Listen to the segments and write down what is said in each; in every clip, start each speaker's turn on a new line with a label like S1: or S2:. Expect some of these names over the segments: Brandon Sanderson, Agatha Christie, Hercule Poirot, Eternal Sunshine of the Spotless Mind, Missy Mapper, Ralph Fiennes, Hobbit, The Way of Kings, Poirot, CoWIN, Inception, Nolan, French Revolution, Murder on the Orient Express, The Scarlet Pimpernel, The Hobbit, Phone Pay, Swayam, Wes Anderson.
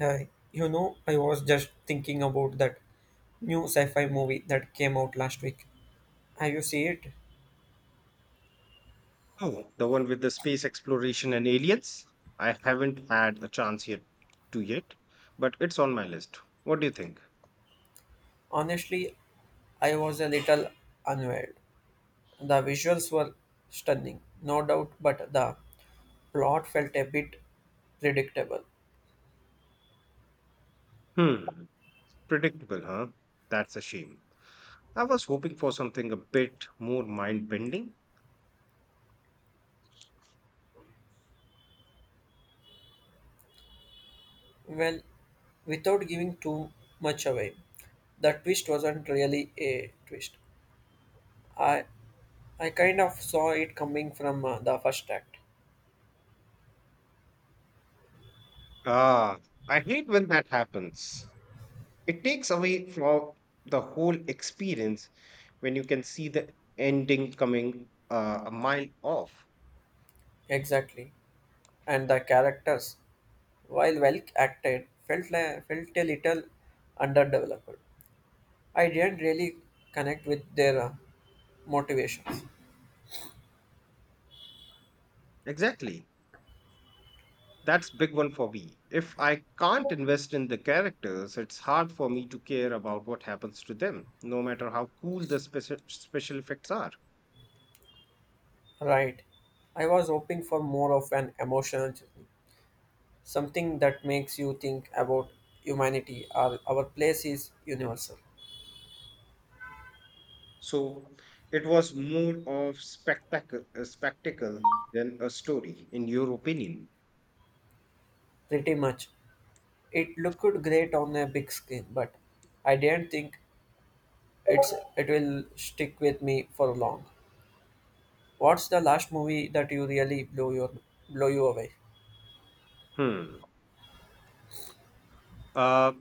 S1: Hi, you know, I was just thinking about that new sci-fi movie that came out last week. Have you seen it?
S2: Oh, the one with the space exploration and aliens? I haven't had a chance yet to yet, but it's on my list. What do you think?
S1: Honestly, I was a little unaware. The visuals were stunning, no doubt, but the plot felt a bit predictable.
S2: Hmm, predictable, huh? That's a shame. I was hoping for something a bit more mind bending.
S1: Well, without giving too much away, the twist wasn't really a twist. I I kind of saw it coming from the first act.
S2: Ah, I hate when that happens. It takes away from the whole experience when you can see the ending coming a mile off.
S1: Exactly. And the characters, while well acted, felt a little underdeveloped. I didn't really connect with their motivations.
S2: Exactly. That's big one for me. If I can't invest in the characters, it's hard for me to care about what happens to them, no matter how cool the special effects are.
S1: Right. I was hoping for more of an emotional journey, something that makes you think about humanity or our place is universal.
S2: So it was more of spectacle, a spectacle than a story, in your opinion.
S1: Pretty much. It looked great on a big screen, but I didn't think it will stick with me for long. What's the last movie that you really blow you away?
S2: Hmm. Uh,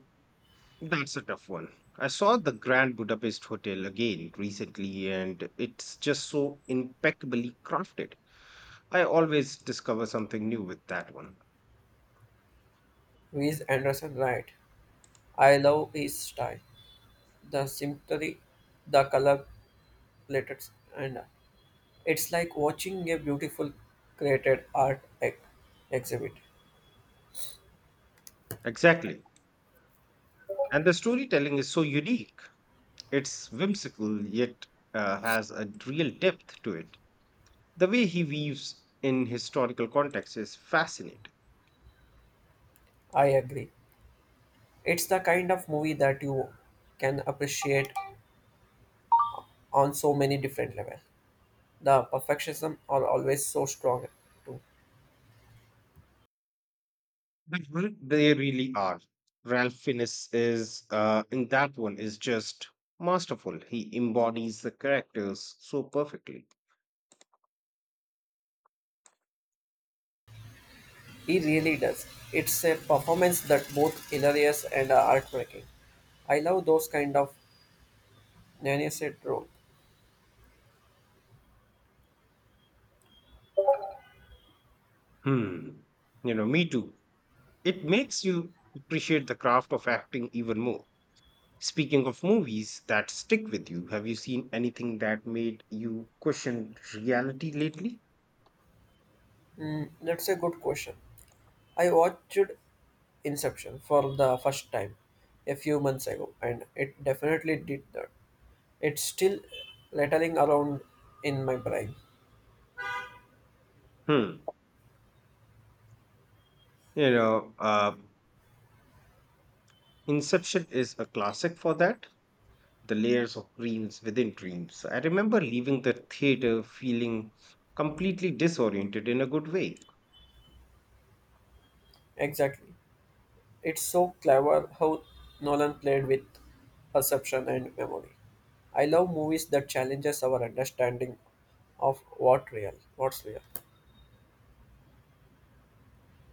S2: that's a tough one. I saw the Grand Budapest Hotel again recently, and it's just so impeccably crafted. I always discover something new with that one.
S1: Wes Anderson, right? I love his style, the symmetry, the color palettes, and it's like watching a beautiful created exhibit.
S2: Exactly. And the storytelling is so unique. It's whimsical, yet has a real depth to it. The way he weaves in historical context is fascinating.
S1: I agree. It's the kind of movie that you can appreciate on so many different levels. The perfectionism are always so strong too.
S2: Mhm. They really are. Ralph Fiennes is in that one is just masterful. He embodies the characters so perfectly.
S1: He really does. It's a performance that both hilarious and heartbreaking. I love those kind of nanny said role.
S2: Hmm. You know, me too. It makes you appreciate the craft of acting even more. Speaking of movies that stick with you, have you seen anything that made you question reality lately?
S1: Mm, that's a good question. I watched Inception for the first time a few months ago, and it definitely did that. It's still rattling around in my brain.
S2: Hmm. You know, uh, Inception is a classic for that. The layers of dreams within dreams. I remember leaving the theater feeling completely disoriented in a good way.
S1: Exactly. It's so clever how Nolan played with perception and memory. I love movies that challenges our understanding of what's real.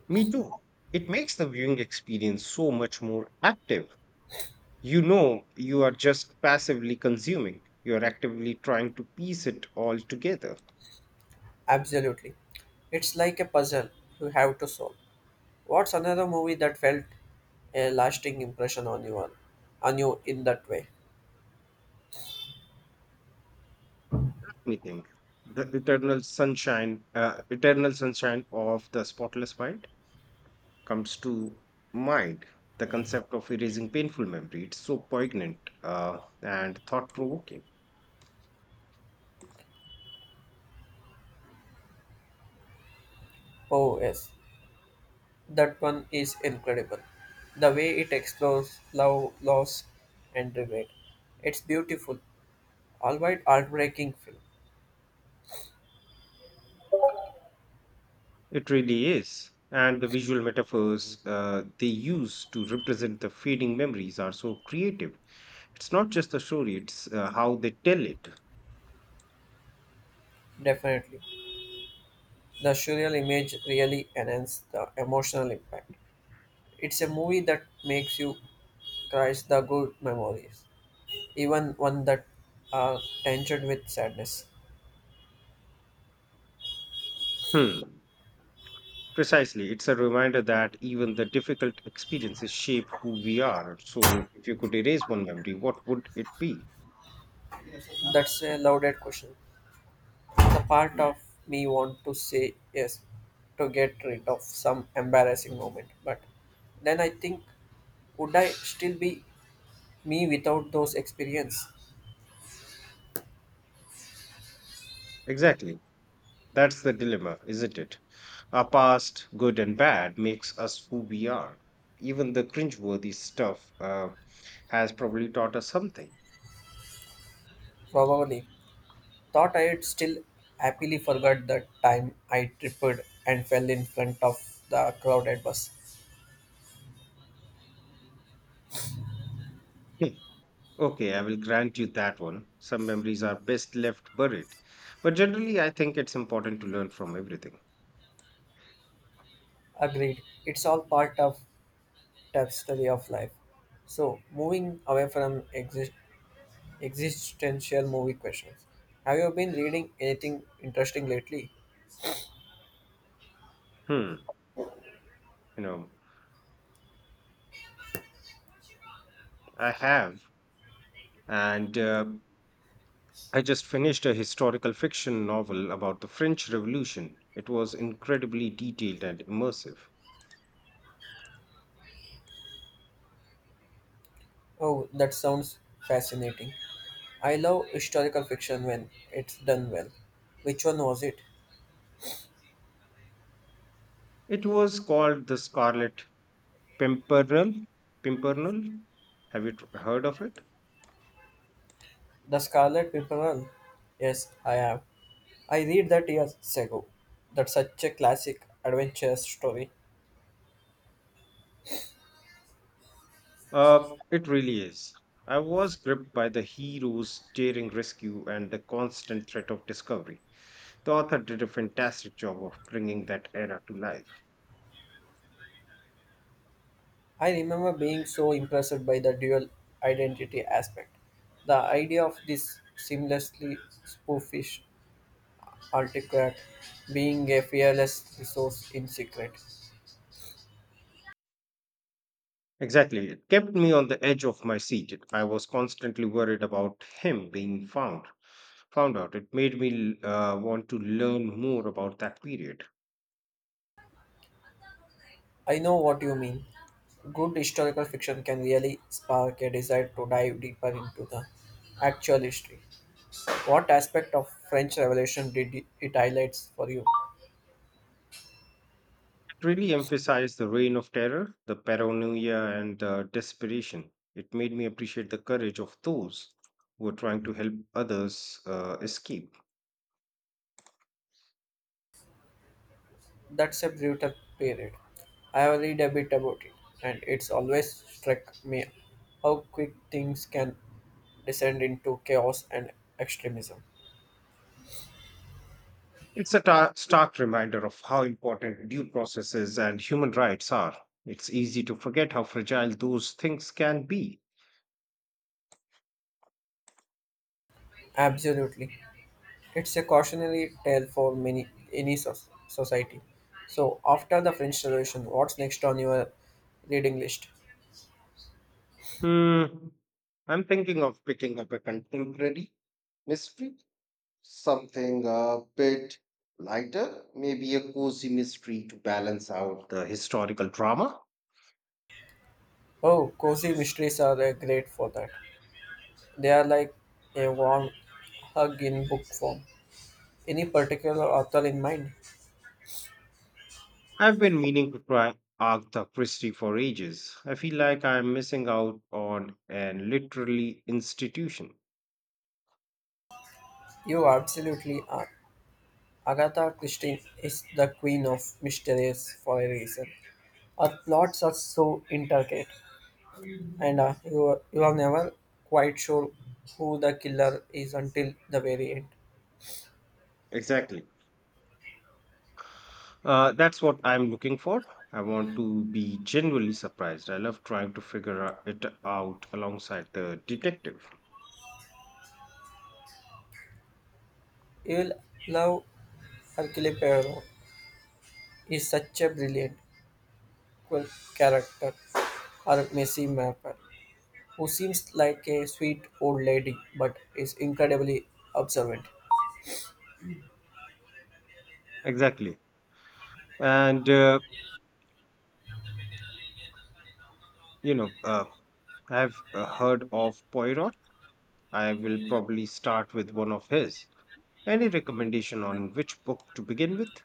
S2: Me too. It makes the viewing experience so much more active. You know, you are just passively consuming, you're actively trying to piece it all together.
S1: Absolutely. It's like a puzzle you have to solve. What's another movie that felt a lasting impression on you in that way?
S2: Me think. Eternal sunshine of the spotless mind comes to mind. The concept of erasing painful memory. It's so poignant and thought provoking.
S1: Oh, yes, that one is incredible. The way it explores love, loss, and regret. It's beautiful, albeit heartbreaking film.
S2: It really is. And the visual metaphors they use to represent the fading memories are so creative. It's not just the story, it's how they tell it.
S1: Definitely. The surreal image really enhances the emotional impact. It's a movie that makes you cry the good memories, even one that are tinged with sadness.
S2: Hmm. Precisely. It's a reminder that even the difficult experiences shape who we are. So, if you could erase one memory, what would it be?
S1: That's a loaded question. The part of me want to say yes to get rid of some embarrassing moment, but then I think would I still be me without those experience?
S2: Exactly. That's the dilemma, isn't it? Our past, good and bad, makes us who we are. Even the cringeworthy stuff has probably taught us something.
S1: Probably. Thought I had still happily forgot the time I tripped and fell in front of the crowded bus.
S2: Hmm, okay, I will grant you that one. Some memories are best left buried. But generally, I think it's important to learn from everything.
S1: Agreed. It's all part of tapestry of life. So, moving away from existential movie questions, have you been reading anything interesting lately?
S2: Hmm, you know, I have, and I just finished a historical fiction novel about the French Revolution. It was incredibly detailed and immersive.
S1: Oh, that sounds fascinating. I love historical fiction when it's done well. Which one was it?
S2: It was called The Scarlet Pimpernel. Pimpernel. Have you heard of it?
S1: The Scarlet Pimpernel? Yes, I have. I read that years ago. That's such a classic adventure story.
S2: It really is. I was gripped by the hero's daring rescue and the constant threat of discovery. The author did a fantastic job of bringing that era to life.
S1: I remember being so impressed by the dual identity aspect. The idea of this seamlessly spoofish artifact being a fearless resource in secret.
S2: Exactly. It kept me on the edge of my seat. I was constantly worried about him being found. Found out. It made me want to learn more about that period.
S1: I know what you mean. Good historical fiction can really spark a desire to dive deeper into the actual history. What aspect of French Revolution did it highlights for you?
S2: It really emphasized the reign of terror, the paranoia, and the desperation. It made me appreciate the courage of those who were trying to help others escape.
S1: That's a brutal period. I have read a bit about it, and it's always struck me how quick things can descend into chaos and extremism.
S2: It's a stark reminder of how important due processes and human rights are. It's easy to forget how fragile those things can be.
S1: Absolutely. It's a cautionary tale for many any society. So after the French Revolution, what's next on your reading list?
S2: Hmm. I'm thinking of picking up a contemporary mystery. Something a bit lighter, maybe a cozy mystery to balance out the historical drama.
S1: Oh, cozy mysteries are great for that. They are like a warm hug in book form. Any particular author in mind?
S2: I've been meaning to try Agatha Christie for ages. I feel like I'm missing out on an literary institution.
S1: You absolutely are. Agatha Christie is the queen of mysteries for a reason. Her plots are so intricate, and you are never quite sure who the killer is until the very end.
S2: Exactly. That's what I'm looking for. I want to be genuinely surprised. I love trying to figure it out alongside the detective.
S1: You will love Hercule Poirot. He's such a brilliant quirk- character, or Missy Mapper, who seems like a sweet old lady but is incredibly observant.
S2: Exactly. And, uh, you know, uh, I've heard of Poirot. I will probably start with one of his. Any recommendation on which book to begin with?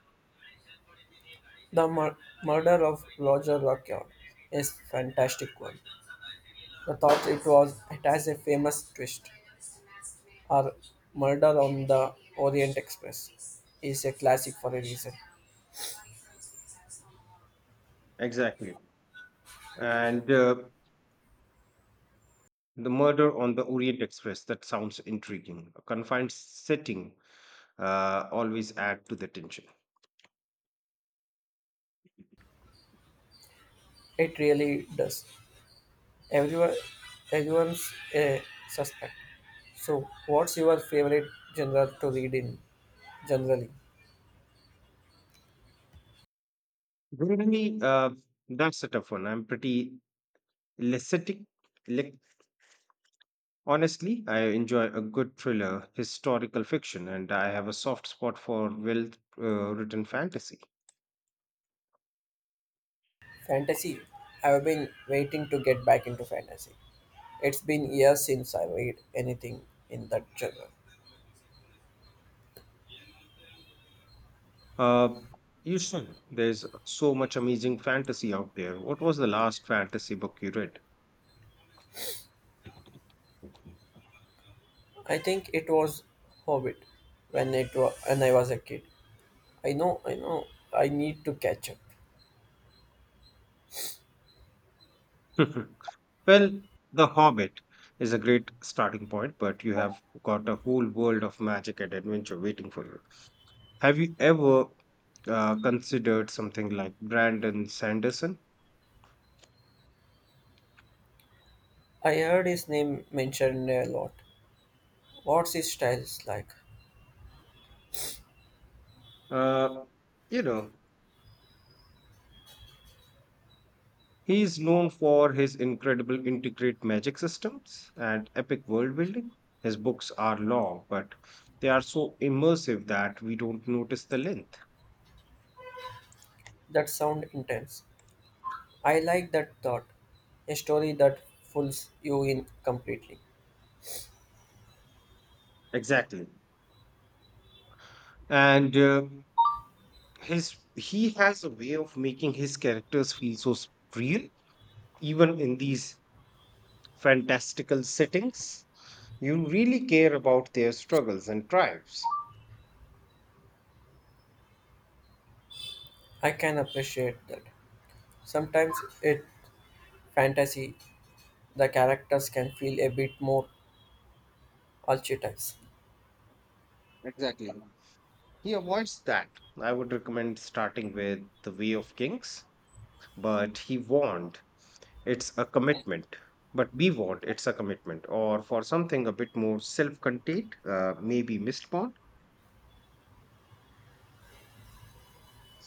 S1: The murder of Roger Lockhart is fantastic one. The thought it has a famous twist, or Murder on the Orient Express is a classic for a reason.
S2: Exactly. And The murder on the Orient Express, that sounds intriguing. A confined setting always add to the tension.
S1: It really does. Everyone, everyone's a suspect. So, what's your favorite genre to read in generally?
S2: Generally, that's a tough one. I'm pretty elastic, honestly, I enjoy a good thriller, historical fiction, and I have a soft spot for well written fantasy.
S1: Fantasy. I've been waiting to get back into fantasy. It's been years since I read anything in that genre.
S2: Uh, you should. There's so much amazing fantasy out there. What was the last fantasy book you read?
S1: I think it was Hobbit when I was a kid. I know. I need to catch up.
S2: Mhm. Well, The Hobbit is a great starting point, but you have got a whole world of magic and adventure waiting for you. Have you ever considered something like Brandon Sanderson?
S1: I heard his name mentioned a lot. What's his style like?
S2: Uh, you know, he's known for his incredible integrate magic systems and epic world building. His books are long, but they are so immersive that we don't notice the length.
S1: That sound intense. I like that thought. A story that pulls you in completely.
S2: Exactly. And his He has a way of making his characters feel real even in these fantastical settings. You really care about their struggles and triumphs.
S1: I can appreciate that. Sometimes in fantasy, the characters can feel a bit more archetypes.
S2: Exactly, he avoids that. I would recommend starting with The Way of Kings, but he warned it's a commitment, but we want it's a commitment or for something a bit more self-contained, maybe missed bond.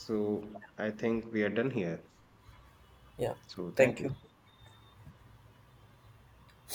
S2: So I think we are done here,
S1: Yeah,
S2: so thank
S1: thank you.
S2: you.